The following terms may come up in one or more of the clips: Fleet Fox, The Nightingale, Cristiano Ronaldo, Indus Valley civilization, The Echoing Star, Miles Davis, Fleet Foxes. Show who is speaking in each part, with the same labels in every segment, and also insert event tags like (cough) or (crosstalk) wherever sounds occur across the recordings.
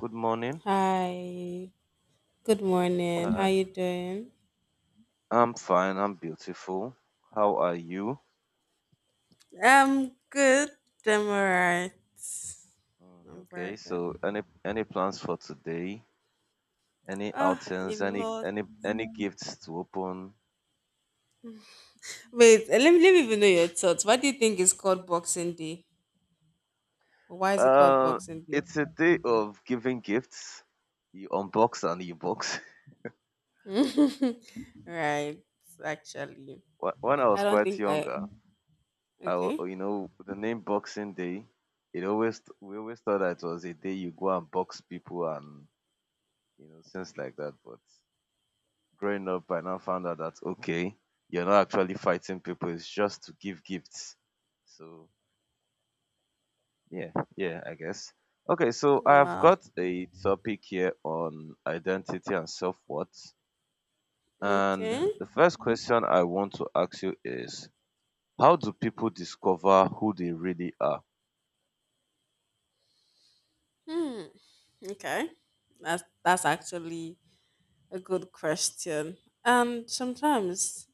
Speaker 1: Good morning.
Speaker 2: Hi. Good morning. How
Speaker 1: Hi.
Speaker 2: you doing?
Speaker 1: I'm fine. I'm beautiful. How are you?
Speaker 2: I'm good. I'm alright. I'm
Speaker 1: Okay.
Speaker 2: very
Speaker 1: So,
Speaker 2: good.
Speaker 1: any plans for today? Any
Speaker 2: Ah, a
Speaker 1: outings? Any
Speaker 2: lot.
Speaker 1: any any gifts to open?
Speaker 2: Wait, let me even know your thoughts. Why do you think it's called Boxing Day? Why is it called
Speaker 1: Uh,
Speaker 2: Boxing Day?
Speaker 1: it's a day of giving gifts. You unbox and you box.
Speaker 2: (laughs) Right. Actually,
Speaker 1: (laughs) When I was
Speaker 2: I don't
Speaker 1: quite
Speaker 2: think I.
Speaker 1: younger,
Speaker 2: Okay.
Speaker 1: you know the name Boxing Day. It always we always thought that it was a day you go and box people and you know things like that, but growing up, I now found out that okay, you're not actually fighting people, it's just to give gifts. So yeah, yeah, I guess. Okay, so I've
Speaker 2: Wow.
Speaker 1: got a topic here on identity and self-worth. And
Speaker 2: Okay.
Speaker 1: the first question I want to ask you is how do people discover who they really are?
Speaker 2: Hmm. Okay. That's actually a good question. And sometimes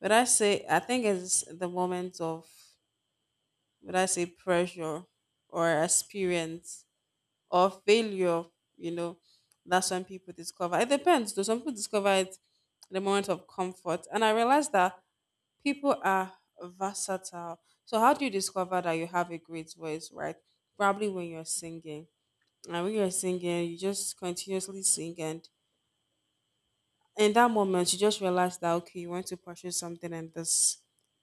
Speaker 2: But I say, I think it's the moment of, would I say, pressure, or experience, or failure, you know, that's when people discover. It depends, though. Some people discover it in the moment of comfort. And I realized that people are versatile. So, how do you discover that you have a great voice? Right? Probably when you're singing. And when you're singing, you just continuously sing, and in that moment you just realize that okay, you want to pursue something in this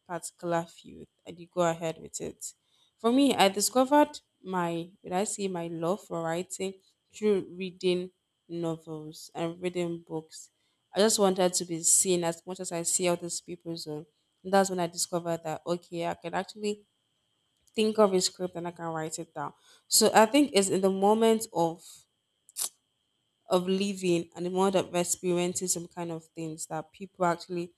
Speaker 2: particular field and you go ahead with it. For me, I discovered my, would I say, my love for writing through reading novels and reading books. I just wanted to be seen as much as I see other people's own, and that's when I discovered that okay, I can actually think of a script and I can write it down. So I think it's in the moment of living and the world of experiencing some kind of things that people actually,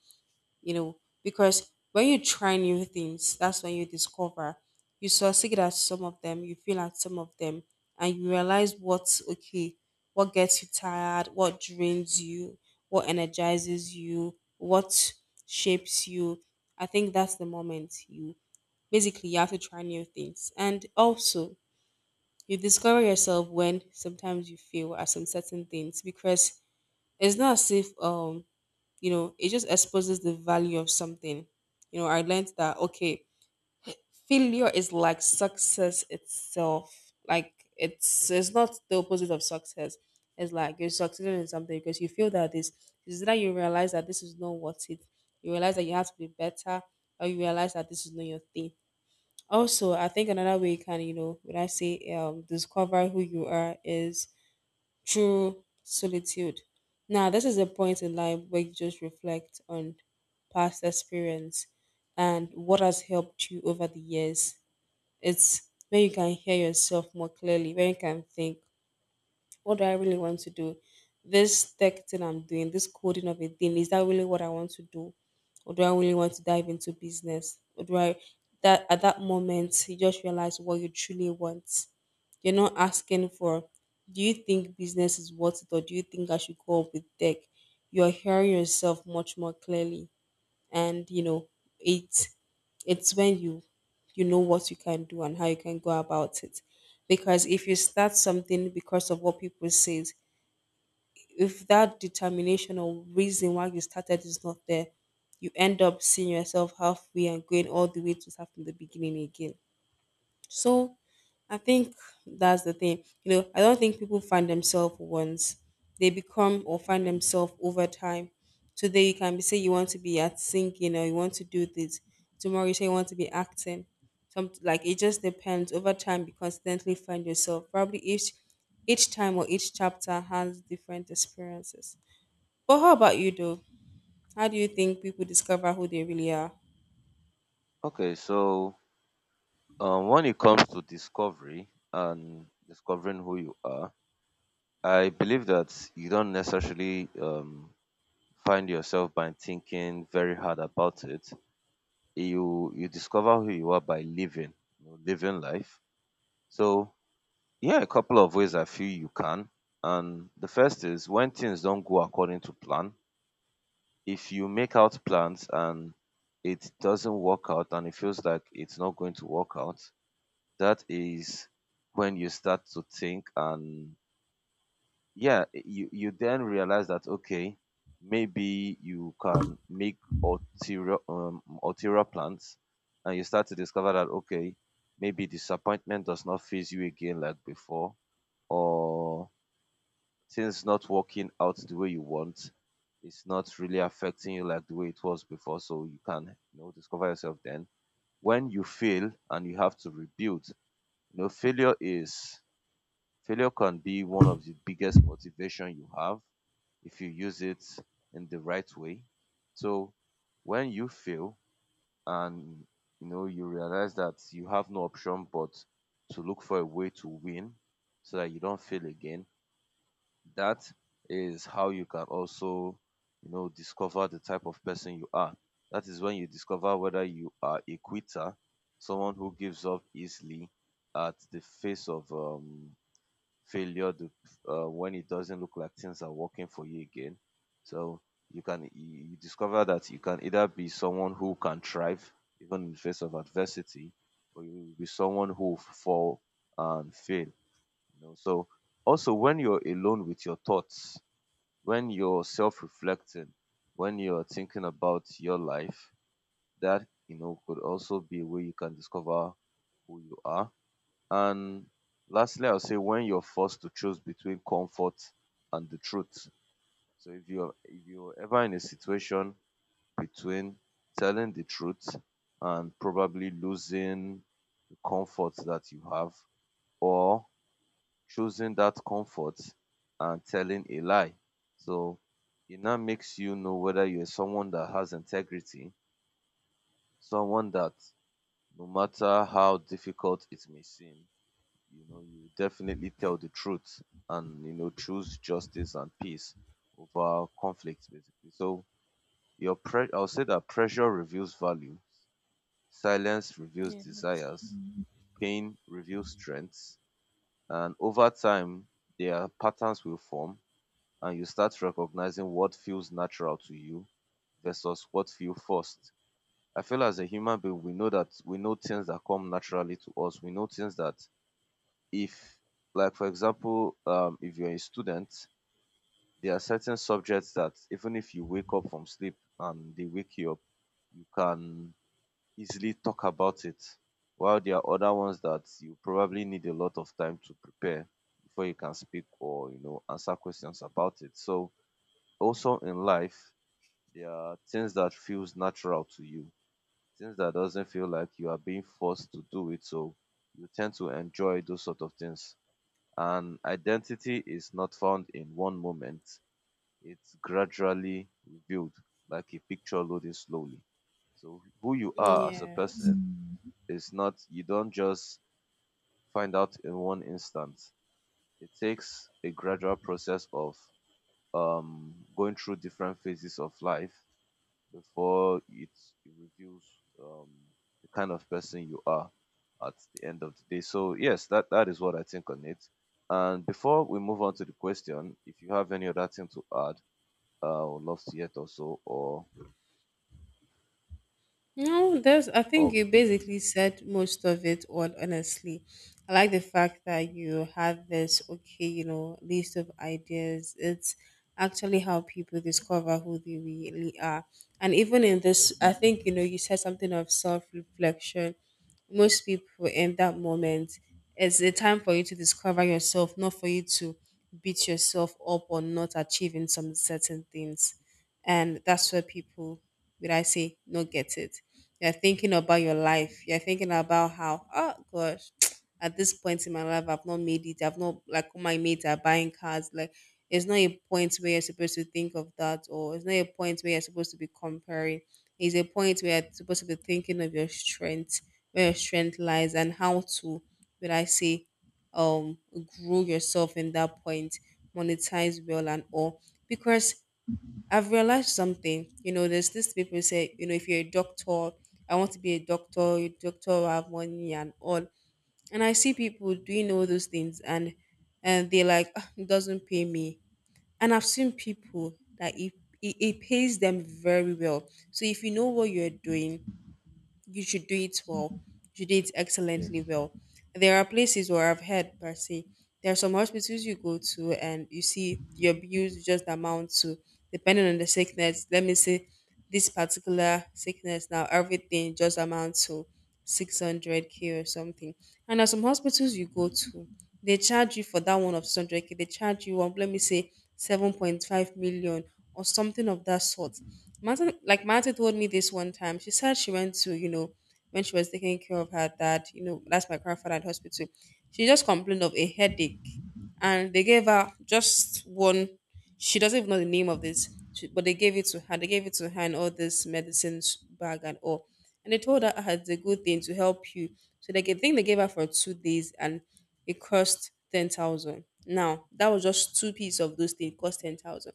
Speaker 2: you know, because when you try new things, that's when you discover. You succeed at some of them, you fail at some of them, and you realize what's okay, what gets you tired, what drains you, what energizes you, what shapes you. I think that's the moment you basically you have to try new things. And also, you discover yourself when sometimes you fail at some certain things because it's not as if you know, it just exposes the value of something. You know, I learned that okay, failure is like success itself. Like, it's not the opposite of success. It's like you're succeeding in something because you feel that this is that you realize that this is not worth it. You realize that you have to be better, or you realize that this is not your thing. Also, I think another way you can, you know, when I say discover who you are, is true solitude. Now, this is a point in life where you just reflect on past experience and what has helped you over the years. It's when you can hear yourself more clearly, when you can think, what do I really want to do? This tech thing I'm doing, this coding of a thing, is that really what I want to do? Or do I really want to dive into business? Or do I That at that moment you just realize what you truly want. You're not asking for, do you think business is worth it, or do you think I should go up with tech? You're hearing yourself much more clearly, and you know, it it's when you know what you can do and how you can go about it. Because if you start something because of what people say, if that determination or reason why you started is not there, you end up seeing yourself halfway and going all the way to start from the beginning again. So I think that's the thing. You know, I don't think people find themselves once. They become or find
Speaker 1: Okay.
Speaker 2: themselves over time. Today you can be, say you want to be at singing or you want to do this. Tomorrow you say you want to be acting. Some, like, it just depends. Over time you constantly find yourself. Probably each time or each chapter has different experiences. But how about you though? How do you think people discover who they really are?
Speaker 1: Okay, so when it comes to discovery and discovering who you are, I believe that you don't necessarily find yourself by thinking very hard about it. You discover who you are by living, you know, living life. So yeah, a couple of ways I feel you can. And the first is when things don't go according to plan. If you make out plans and it doesn't work out and it feels like it's not going to work out, that is when you start to think and yeah you then realize that okay, maybe you can make ulterior plans, and you start to discover that okay, maybe disappointment does not phase you again like before, or things not working out the way you want is not really affecting you like the way it was before. So you can, you know, discover yourself then. When you fail and you have to rebuild, you know, failure can be one of the biggest motivation you have if you use it in the right way. So when you fail and you know you realize that you have no option but to look for a way to win so that you don't fail again, that is how you can also, you know, discover the type of person you are. That is when you discover whether you are a quitter, someone who gives up easily at the face of failure, the when it doesn't look like things are working for you again. So you can, you discover that you can either be someone who can thrive even in the face of adversity, or you will be someone who will fall and fail, you know. So also when you're alone with your thoughts, when you're self-reflecting, when you're thinking about your life, that, you know, could also be a way you can discover who you are. And lastly, I'll say when you're forced to choose between comfort and the truth. So if you're ever in a situation between telling the truth and probably losing the comfort that you have, or choosing that comfort and telling a lie. So it now makes you know whether you're someone that has integrity, someone that no matter how difficult it may seem, you know, you definitely tell the truth and you know choose justice and peace over conflict basically. So I'll say that pressure reveals value, silence reveals
Speaker 2: Yes.
Speaker 1: desires, pain reveals strengths, and over time their patterns will form and you start recognizing what feels natural to you versus what feel forced. I feel as a human being we know that we know things that come naturally to us. We know things that if, like for example, if you're a student, there are certain subjects that even if you wake up from sleep and they wake you up, you can easily talk about it, while there are other ones that you probably need a lot of time to prepare before you can speak or, you know, answer questions about it. So also in life, there are things that feels natural to you, things that doesn't feel like you are being forced to do it, so you tend to enjoy those sort of things. An identity is not found in one moment. It's gradually revealed, like a picture loading slowly. So who you are as a
Speaker 2: Yes.
Speaker 1: person is not, you don't just find out in one instant. It takes a gradual process of going through different phases of life before it reveals um, the kind of person you are at the end of the day. So yes, that is what I think on it. And before we move on to the question, if you have any other thing to add, I would love to hear it also. Or
Speaker 2: No, there's. I think
Speaker 1: of
Speaker 2: you basically said most of it all. Honestly, I like the fact that you had this, okay, you know, list of ideas. It's actually how people discover who they really are. And even in this, I think, you know, you said something of self-reflection. Most people, in that moment, it's a time for you to discover yourself, not for you to beat yourself up on not achieving some certain things. And that's where people, would I say, not get it. You're thinking about your life. You're thinking about how, oh gosh, (tsk) at this point in my life, I've not made it. I've not, like, all my mates are buying cars. Like, it's not a point where you're supposed to think of that, or it's not a point where you're supposed to be comparing. It's a point where you're supposed to be thinking of your strength, where your strength lies, and how to, would I say, um, grow yourself in that point, monetize well and all. Because I've realized something. You know, there's this, people say, you know, if you're a doctor, I want to be a doctor. A doctor will have money and all. And I see people doing all those things, and they're like, "Ah, it doesn't pay me." And I've seen people that it pays them very well. So if you know what you're doing, you should do it well. You should do it
Speaker 1: yes,
Speaker 2: excellently well. There are places where I've heard, per se, there are some hospitals you go to and you see your bills just amount to, depending on the sickness, let me say this particular sickness now, everything just amount to 600k or something. And there are some hospitals you go to, they charge you for that one of 600k, they charge you, let me say 7.5 million or something of that sort. Martin, like, Martin told me this one time. She said she went to, you know, when she was taking care of her dad, you know that's my grandfather, at hospital, she just complained of a headache, and they gave her just one. She doesn't even know the name of this but they gave it to her. They gave it to her in all this medicines bag and all, and they told her, "Ah, it's a good thing to help you." So they gave, I think they gave her for 2 days, and it cost 10,000. Now that was just two pieces of those things cost 10,000.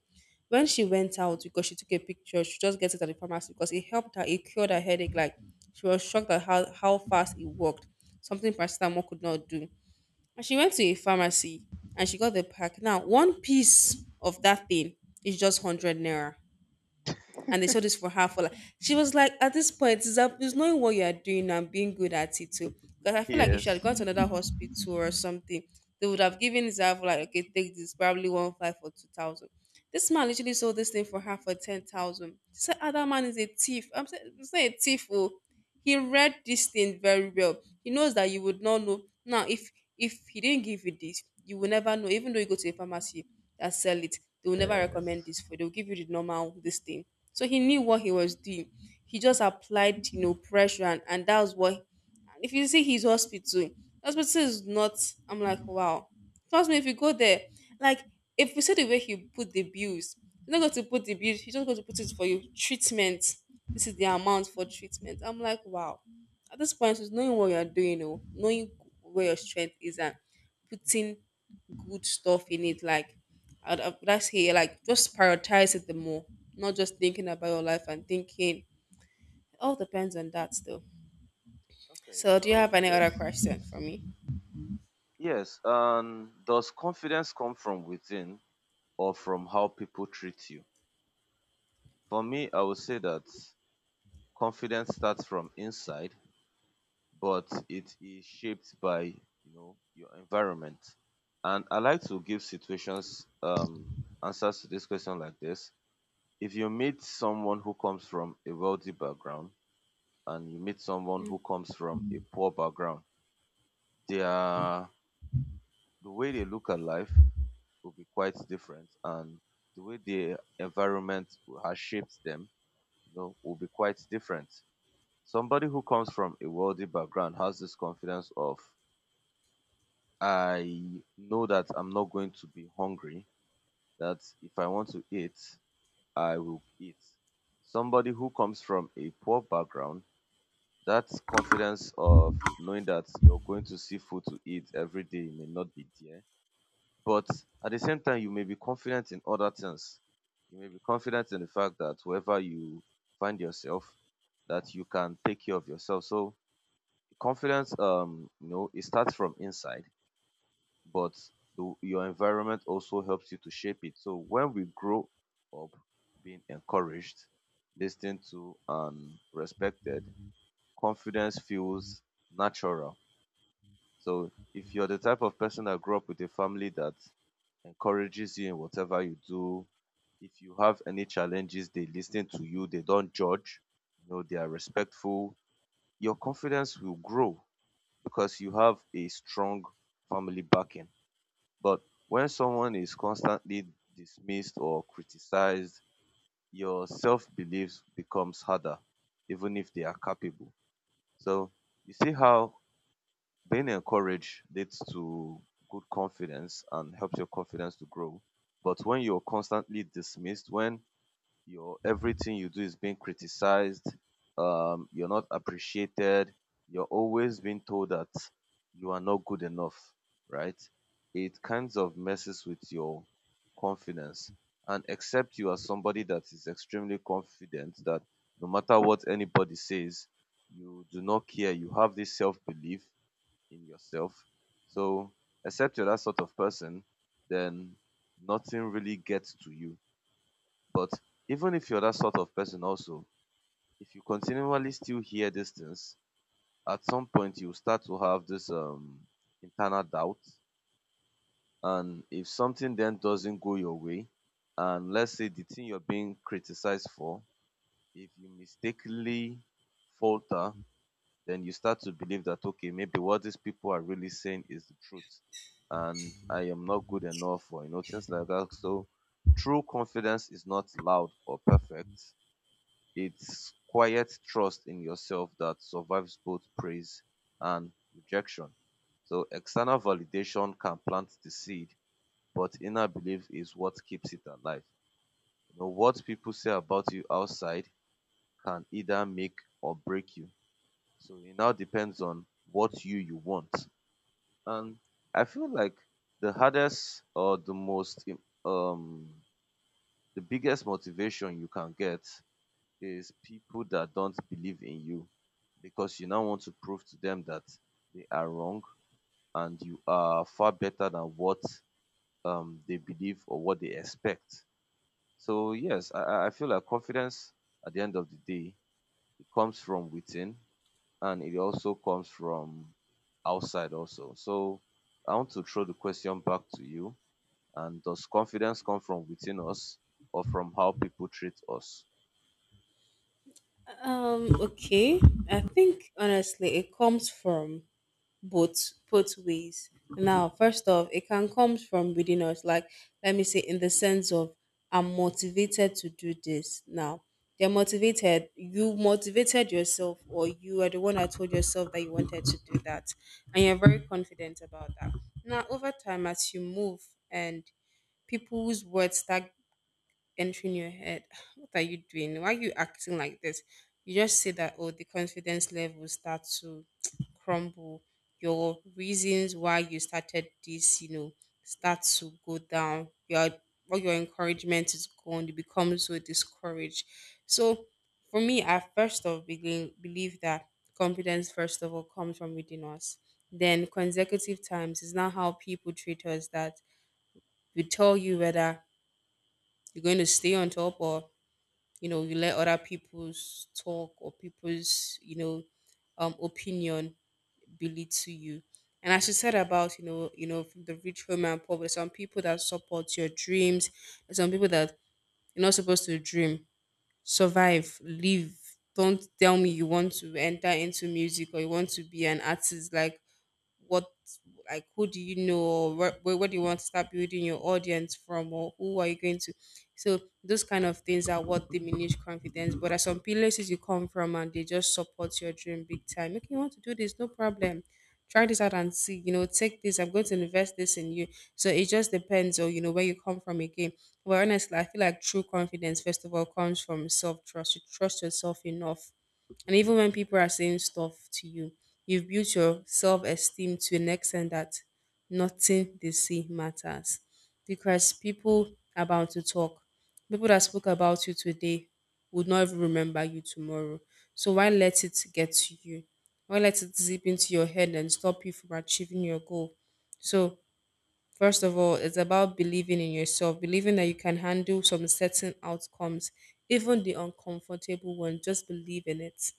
Speaker 2: When she went out, because she took a picture, she just gets it at the pharmacy because it helped her. It cured her headache. Like, she was shocked at how fast it worked. Something paracetamol could not do. And she went to a pharmacy and she got the pack. Now one piece of that thing is just 100 naira, and they saw this for her for, like, she was like, at this point it's, up, it's knowing what you are doing and being good at it too, because I feel like if she had
Speaker 1: yes,
Speaker 2: gone to another hospital or something, they would have given this Zav, like okay, take this, probably one five for 2,000. This man literally sold this thing for her for 10,000. She said, ah, that man is a thief. I'm saying it's not a thief. Oh, he read this thing very well. He knows that you would not know now if, he didn't give you this, you will never know. Even though you go to a pharmacy that sell it, they will never
Speaker 1: yes.
Speaker 2: recommend this for you. They'll give you the normal this thing. So he knew what he was doing. He just applied, you know, pressure, and that was what. And if you see his hospital, hospital is not. I'm like, wow. Trust me, if you go there, like, if you see the way he put the bills, he's not going to put the bills. He's just going to put it for you. Treatment. This is the amount for treatment. I'm like, wow. At this point, it's knowing what you're doing, oh, knowing where your strength is, and putting good stuff in it. Like, I'd like say, like, just prioritize it the more, not just thinking about your life and thinking. It all depends on that still.
Speaker 1: Okay,
Speaker 2: So, do you
Speaker 1: so
Speaker 2: have any
Speaker 1: yes,
Speaker 2: other
Speaker 1: yes,
Speaker 2: question for me?
Speaker 1: yes. And does confidence come from within or from how people treat you? For me, I would say that confidence starts from inside but it is shaped by, you know, your environment. And I like to give situations answers to this question like this. If you meet someone who comes from a wealthy background and you meet someone who comes from a poor background, their the way they look at life will be quite different, and the way their environment has shaped them, you know, will be quite different. Somebody who comes from a wealthy background has this confidence of, I know that I'm not going to be hungry, that if I want to eat, I will eat. Somebody who comes from a poor background, that confidence of knowing that you're going to see food to eat every day may not be there. But at the same time, you may be confident in other things. You may be confident in the fact that wherever you find yourself, that you can take care of yourself. So confidence, you know, it starts from inside, but your environment also helps you to shape it. So when we grow up being encouraged, listened to, and respected, confidence feels natural. So if you're the type of person that grew up with a family that encourages you in whatever you do, if you have any challenges, they listen to you, they don't judge, you know, they are respectful, your confidence will grow because you have a strong family backing. But when someone is constantly dismissed or criticized, your self belief becomes harder, even if they are capable. So you see how being encouraged leads to good confidence and helps your confidence to grow. But when you're constantly dismissed, when your everything you do is being criticized, you're not appreciated, you're always being told that you are not good enough, right? It kinds of messes with your confidence. And except you are somebody that is extremely confident that no matter what anybody says, you do not care. You have this self belief in yourself. So, except you're that sort of person, then nothing really gets to you. But even if you're that sort of person also, if you continually still hear these things, at some point you start to have this internal doubt. And if something then doesn't go your way, and let's say the thing you're being criticized for, if you mistakenly falter, then you start to believe that okay, maybe what these people are really saying is the truth and I am not good enough, or you know things like that. So true confidence is not loud or perfect. It's quiet trust in yourself that survives both praise and rejection. So external validation can plant the seed, but inner belief is what keeps it alive. You know, what people say about you outside can either make or break you. So it now depends on what you want. And I feel like the hardest or the most the biggest motivation you can get is people that don't believe in you, because you now want to prove to them that they are wrong and you are far better than what they believe or what they expect. So yes, I feel like confidence at the end of the day, it comes from within and it also comes from outside also. So I want to throw the question back to you. And does confidence come from within us or from how people treat us?
Speaker 2: Okay. I think honestly, it comes from both ways. Now, first off, it can come from within us. Like, let me say, in the sense of, I'm motivated to do this. Now, they're motivated. You motivated yourself, or you are the one that told yourself that you wanted to do that, and you're very confident about that. Now, over time, as you move and people's words start entry in your head. (sighs) What are you doing? Why are you acting like this? You just say that, oh, the confidence level start to (tsk) crumble. Your reasons why you started this, you know, start to go down. Your all your encouragement is gone. You become so discouraged. So for me, I first of begin believe that confidence first of all comes from within us. Then consecutive times is not how people treat us that we tell you whether you're going to stay on top or you know you let other people's talk or people's opinion belittle you. And as you said about you know, from the rich home and poor, there's some people that support your dreams, there's some people that you're not supposed to dream, survive, live, don't tell me you want to enter into music or you want to be an artist. Like what, like who do you know, or where do you want to start building your audience from, or who are you going to? So those kind of things are what diminish confidence. But at some places you come from and they just support your dream big time. Okay, you want to do this? No problem, try this out and see, you know, take this, I'm going to invest this in you. So it just depends on, you know, where you come from again. But honestly, I feel like true confidence first of all comes from self-trust. You trust yourself enough, and even when people are saying stuff to you, you've built your self esteem to an extent that nothing they say matters. Because people are bound to talk. People that spoke about you today would not even remember you tomorrow. So why let it get to you? Why let it zip into your head and stop you from achieving your goal? So first of all, it's about believing in yourself, believing that you can handle some certain outcomes, even the uncomfortable one. Just believe in it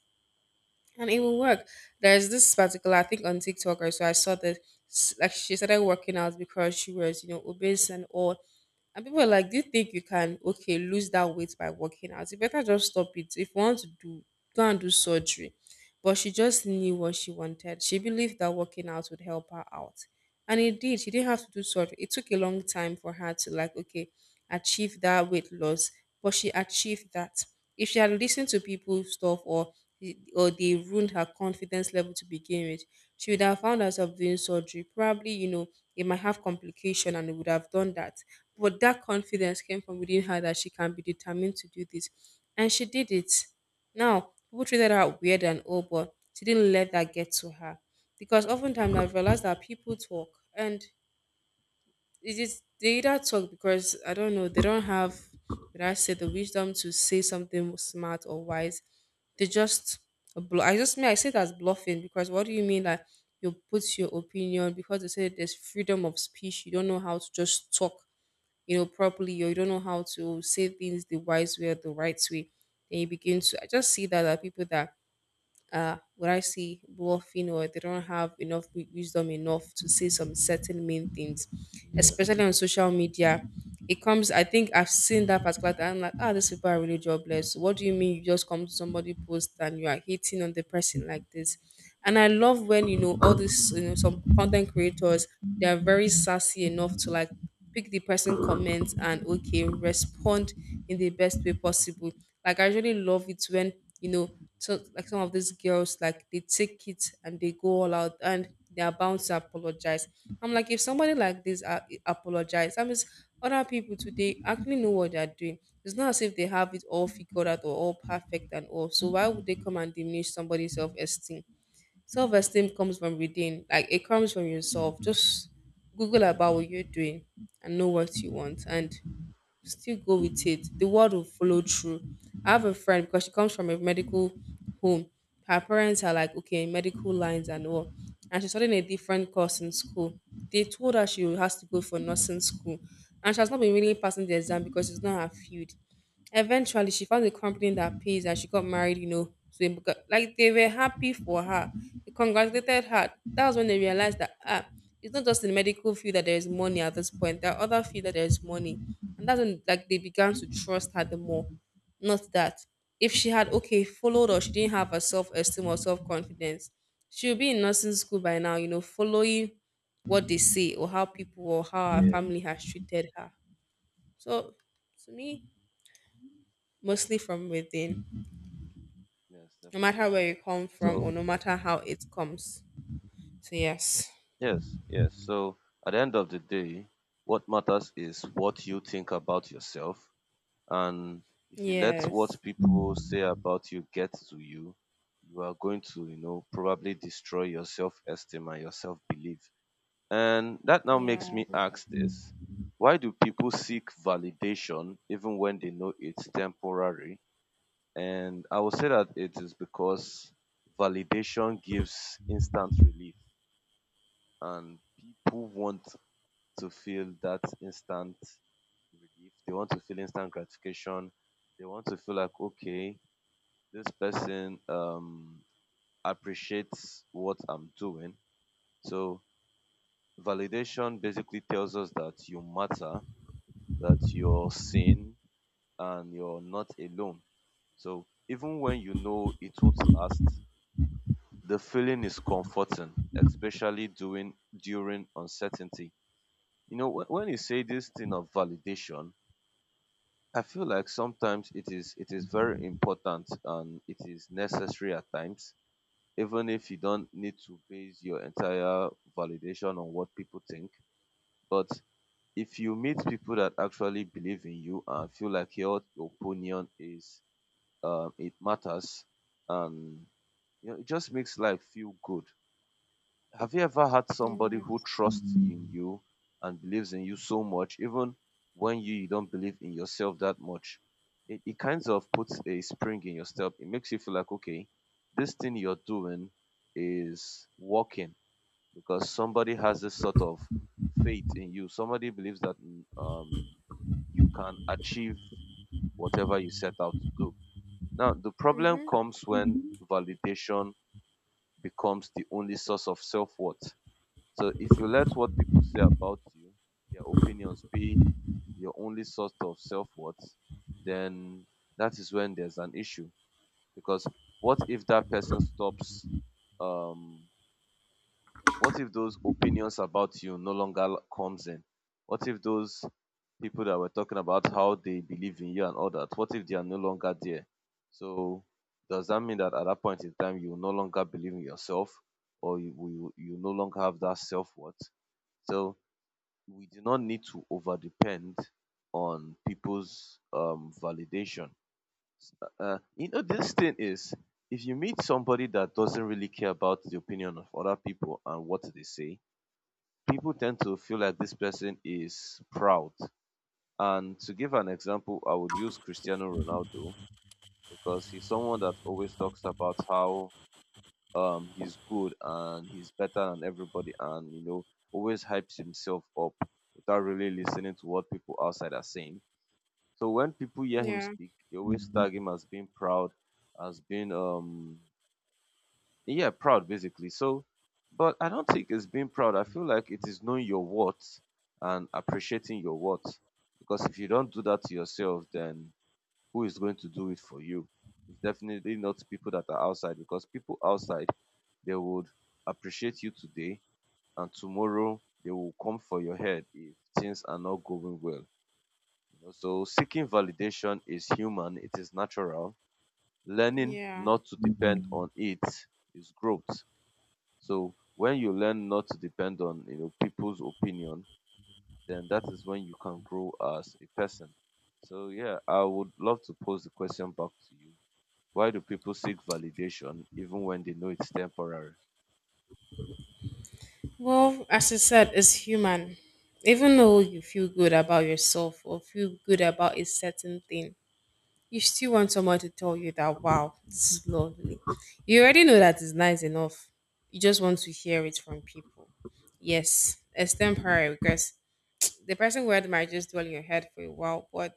Speaker 2: and it will work. There's this particular, I think on TikTok or so, I saw that like she started working out because she was, you know, obese and all. And people were like, do you think you can, okay, lose that weight by working out? You better just stop it. If you want to do, go and do surgery. But she just knew what she wanted. She believed that working out would help her out. And it did. She didn't have to do surgery. It took a long time for her to, like, okay, achieve that weight loss. But she achieved that. If she had listened to people's stuff, or they ruined her confidence level to begin with. She would have found herself doing surgery. Probably, you know, it might have complication and it would have done that. But that confidence came from within her, that she can be determined to do this. And she did it. Now, people treated her weird and all, but she didn't let that get to her. Because oftentimes I've realized that people talk, and it is they either talk because I don't know, they don't have, did I say the wisdom to say something smart or wise. They just I just mean I say that's bluffing, because what do you mean that you put your opinion because they say there's freedom of speech, you don't know how to just talk, you know, properly, or you don't know how to say things the wise way or the right way. Then you begin to, I just see that there are people that what I see bluffing, you know, they don't have enough wisdom enough to say some certain main things, especially on social media. It comes, I think I've seen that particular time. I'm like, ah, these people are really jobless. What do you mean you just come to somebody post and you are hating on the person like this? And I love when you know all these, you know, some content creators, they are very sassy enough to like pick the person comments and okay, respond in the best way possible. Like I really love it when you know, so like some of these girls, like they take it and they go all out, and they are bound to apologize. I'm like, if somebody like this apologize, that means other people today actually know what they're doing. It's not as if they have it all figured out or all perfect and all. So why would they come and diminish somebody's self-esteem? Self-esteem comes from within. Like it comes from yourself. Just Google about what you're doing and know what you want. And still go with it. The word will follow through. I have a friend, because she comes from a medical home. Her parents are like, okay, medical lines and all. And she's studying a different course in school. They told her she has to go for nursing school. And she has not been really passing the exam because it's not her field. Eventually, she found a company that pays and she got married, you know. To a like they were happy for her. They congratulated her. That's when they realized that ah, it's not just in the medical field that there is money at this point. There are other fields that there is money, and that's when like they began to trust her the more. Not that if she had okay followed, or she didn't have her self esteem or self confidence, she would be in nursing school by now. You know, following what they say, or how people or how her
Speaker 1: Yeah.
Speaker 2: family has treated her. So to me, mostly from within,
Speaker 1: Yes,
Speaker 2: no matter
Speaker 1: definitely.
Speaker 2: where you come from or
Speaker 1: So
Speaker 2: no matter how it comes. So yes,
Speaker 1: yes, yes. So at the end of the day, what matters is what you think about yourself. And if you let what
Speaker 2: yes,
Speaker 1: people say about you get to you, you are going to, you know, probably destroy your self esteem and your self belief. And that now makes
Speaker 2: yeah,
Speaker 1: me ask this, why do people seek validation even when they know it's temporary? And I will say that it is because validation gives instant relief and people want to feel that instant relief. They want to feel instant gratification. They want to feel like, okay, this person appreciates what I'm doing. So, validation basically tells us that you matter, that you're seen, and you're not alone. So, even when you know it won't last, the feeling is comforting, especially during uncertainty. You know, when you say this thing of validation, I feel like sometimes it is very important and it is necessary at times, even if you don't need to base your entire validation on what people think. But if you meet people that actually believe in you and feel like your opinion is it matters, and you know, it just makes life feel good. Have you ever had somebody
Speaker 2: yeah,
Speaker 1: who trusts in you and believes in you so much, even when you don't believe in yourself that much? It kind of puts a spring in your step. It makes you feel like, okay, this thing you're doing is working because somebody has this sort of faith in you. Somebody believes that you can achieve whatever you set out to do. Now, the problem
Speaker 2: mm-hmm.
Speaker 1: comes when validation becomes the only source of self worth. So if you let what people say about you, their opinions be your only source of self-worth, then that is when there's an issue. Because what if that person stops? um what if those opinions about you no longer comes in? What if those people that were talking about how they believe in you and all that, what if they are no longer there? So does that mean that at that point in time you no longer believe in yourself or you no longer have that self-worth? So we do not need to over depend on people's validation. This thing is, if you meet somebody that doesn't really care about the opinion of other people and what they say, people tend to feel like this person is proud. And to give an example, I would use Cristiano Ronaldo because he's someone that always talks about how he's good and he's better than everybody and, you know, always hypes himself up without really listening to what people outside are saying. So when people hear him
Speaker 2: Yeah,
Speaker 1: speak, they always tag him as being proud, as being yeah, proud basically. So but I don't think it's being proud. I feel like it is knowing your worth and appreciating your worth. Because if you don't do that to yourself, then who is going to do it for you? It's definitely not people that are outside, because people outside, they would appreciate you today and tomorrow they will come for your head if things are not going well. You know, so seeking validation is human, it is natural. Learning
Speaker 2: yeah.
Speaker 1: not to depend on it is growth. So when you learn not to depend on people's opinion, then that is when you can grow as a person. So yeah, I would love to pose the question back to you. Why do people seek validation even when they know it's temporary?
Speaker 2: Well, as you said, as human, even though you feel good about yourself or feel good about a certain thing, you still want someone to tell you that wow, this is lovely. You already know that it's nice enough. You just want to hear it from people. Yes, it's temporary because the person word might just dwell in your head for a while, but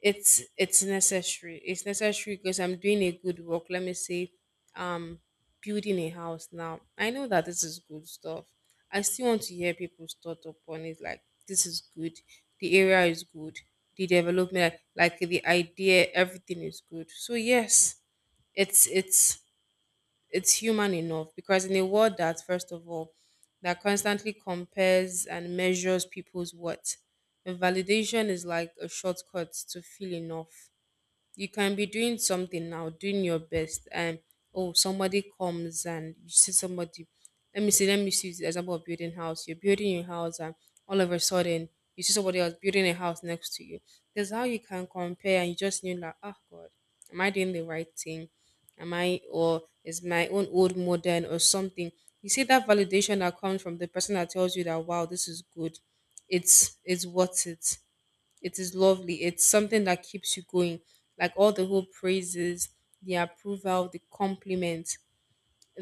Speaker 2: it's necessary. It's necessary because I'm doing a good work. Let me say, um, building a house now. I know that this is good stuff. I still want to hear people's thought upon it. Like this is good. The area is good. The development, like the idea, everything is good. So yes, it's it's it's human enough, because in a world that first of all that constantly compares and measures people's worth, the validation is like a shortcut to feel enough. You can be doing something now, doing your best, and oh, somebody comes and you see somebody. Let me see. Let me see the example of building house. You're building your house, and all of a sudden you see somebody else building a house next to you. That's how you can compare, and you just knew like, oh God, am I doing the right thing? Am I, or is my own old modern or something? You see that validation that comes from the person that tells you that wow, this is good. It's worth it, it is lovely. It's something that keeps you going. Like all the whole praises, the approval, the compliments.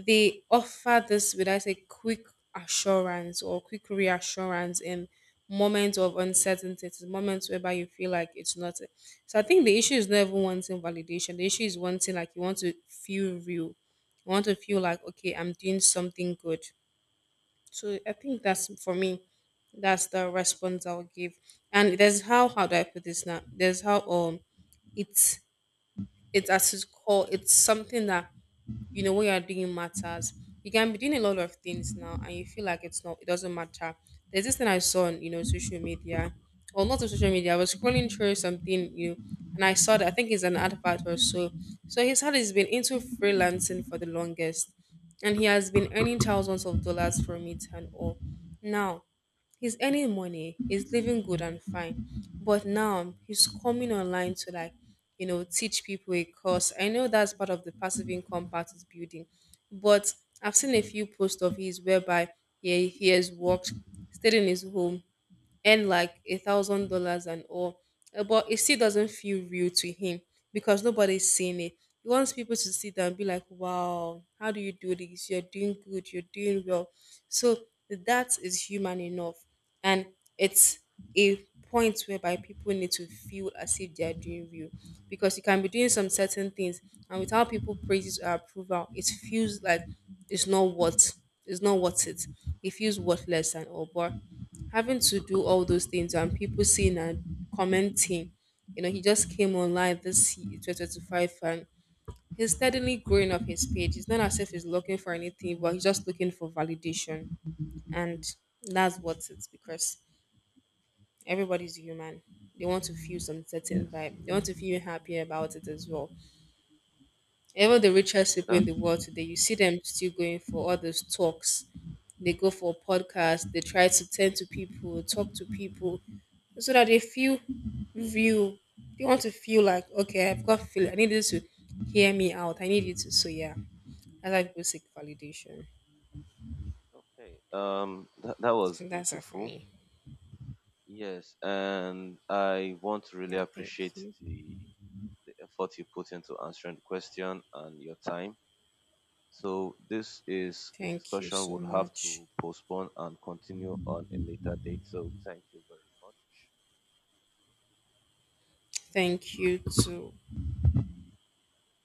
Speaker 2: They offer this with I say quick assurance or quick reassurance in moments of uncertainty. It's moments whereby you feel like it's not. So I think the issue is never wanting validation. The issue is wanting, like you want to feel real. You want to feel like okay, I'm doing something good. So I think that's for me. That's the response I'll give. And there's how do I put this now? There's how it's it's as it's called. It's something that you know what you're doing matters. You can be doing a lot of things now and you feel like it doesn't matter. There's this thing I saw on, you know, social media. Or not on social media, I was scrolling through something new and I saw that I think it's an advert or so. So his heart has been into freelancing for the longest, and he has been earning thousands of dollars from it and all. Now he's earning money, he's living good and fine. But now he's coming online to like, you know, teach people a course. I know that's part of the passive income part is building. But I've seen a few posts of his whereby he has worked, stayed in his home, earn like $1,000 and all. But it still doesn't feel real to him because nobody's seeing it. He wants people to see that and be like, "Wow, how do you do this? You're doing good. You're doing well." So that is human enough, and it's a point whereby people need to feel as if they are doing real, because you can be doing some certain things and without people praises or approval, it feels like it's not what it's not worth it. It feels worthless and all. But having to do all those things and people seeing and commenting. You know, he just came online this 2025 and he's steadily growing up his page. It's not as if he's looking for anything, but he's just looking for validation. And that's what it's because everybody's human. They want to feel some
Speaker 1: Yes.
Speaker 2: certain vibe. They want to feel happy about it as well. Even the richest
Speaker 1: Yeah,
Speaker 2: people in
Speaker 1: that's
Speaker 2: the
Speaker 1: true.
Speaker 2: world today, you see them still going for all those talks. They go for podcasts. They try to tend to people, talk to people so that they feel view. They want to feel like, okay, I've got feel. I need you to hear me out. I need you to. So yeah, that's why people seek validation.
Speaker 1: Okay. That was
Speaker 2: So that's it for
Speaker 1: beautiful.
Speaker 2: me.
Speaker 1: Yes, and I want to really
Speaker 2: Yeah, thank
Speaker 1: appreciate
Speaker 2: you.
Speaker 1: the effort you put into answering the question and your time. So this is a
Speaker 2: Thank you
Speaker 1: discussion
Speaker 2: so
Speaker 1: we'll have
Speaker 2: much.
Speaker 1: to postpone and continue on a later date. So thank you very much.
Speaker 2: Thank you to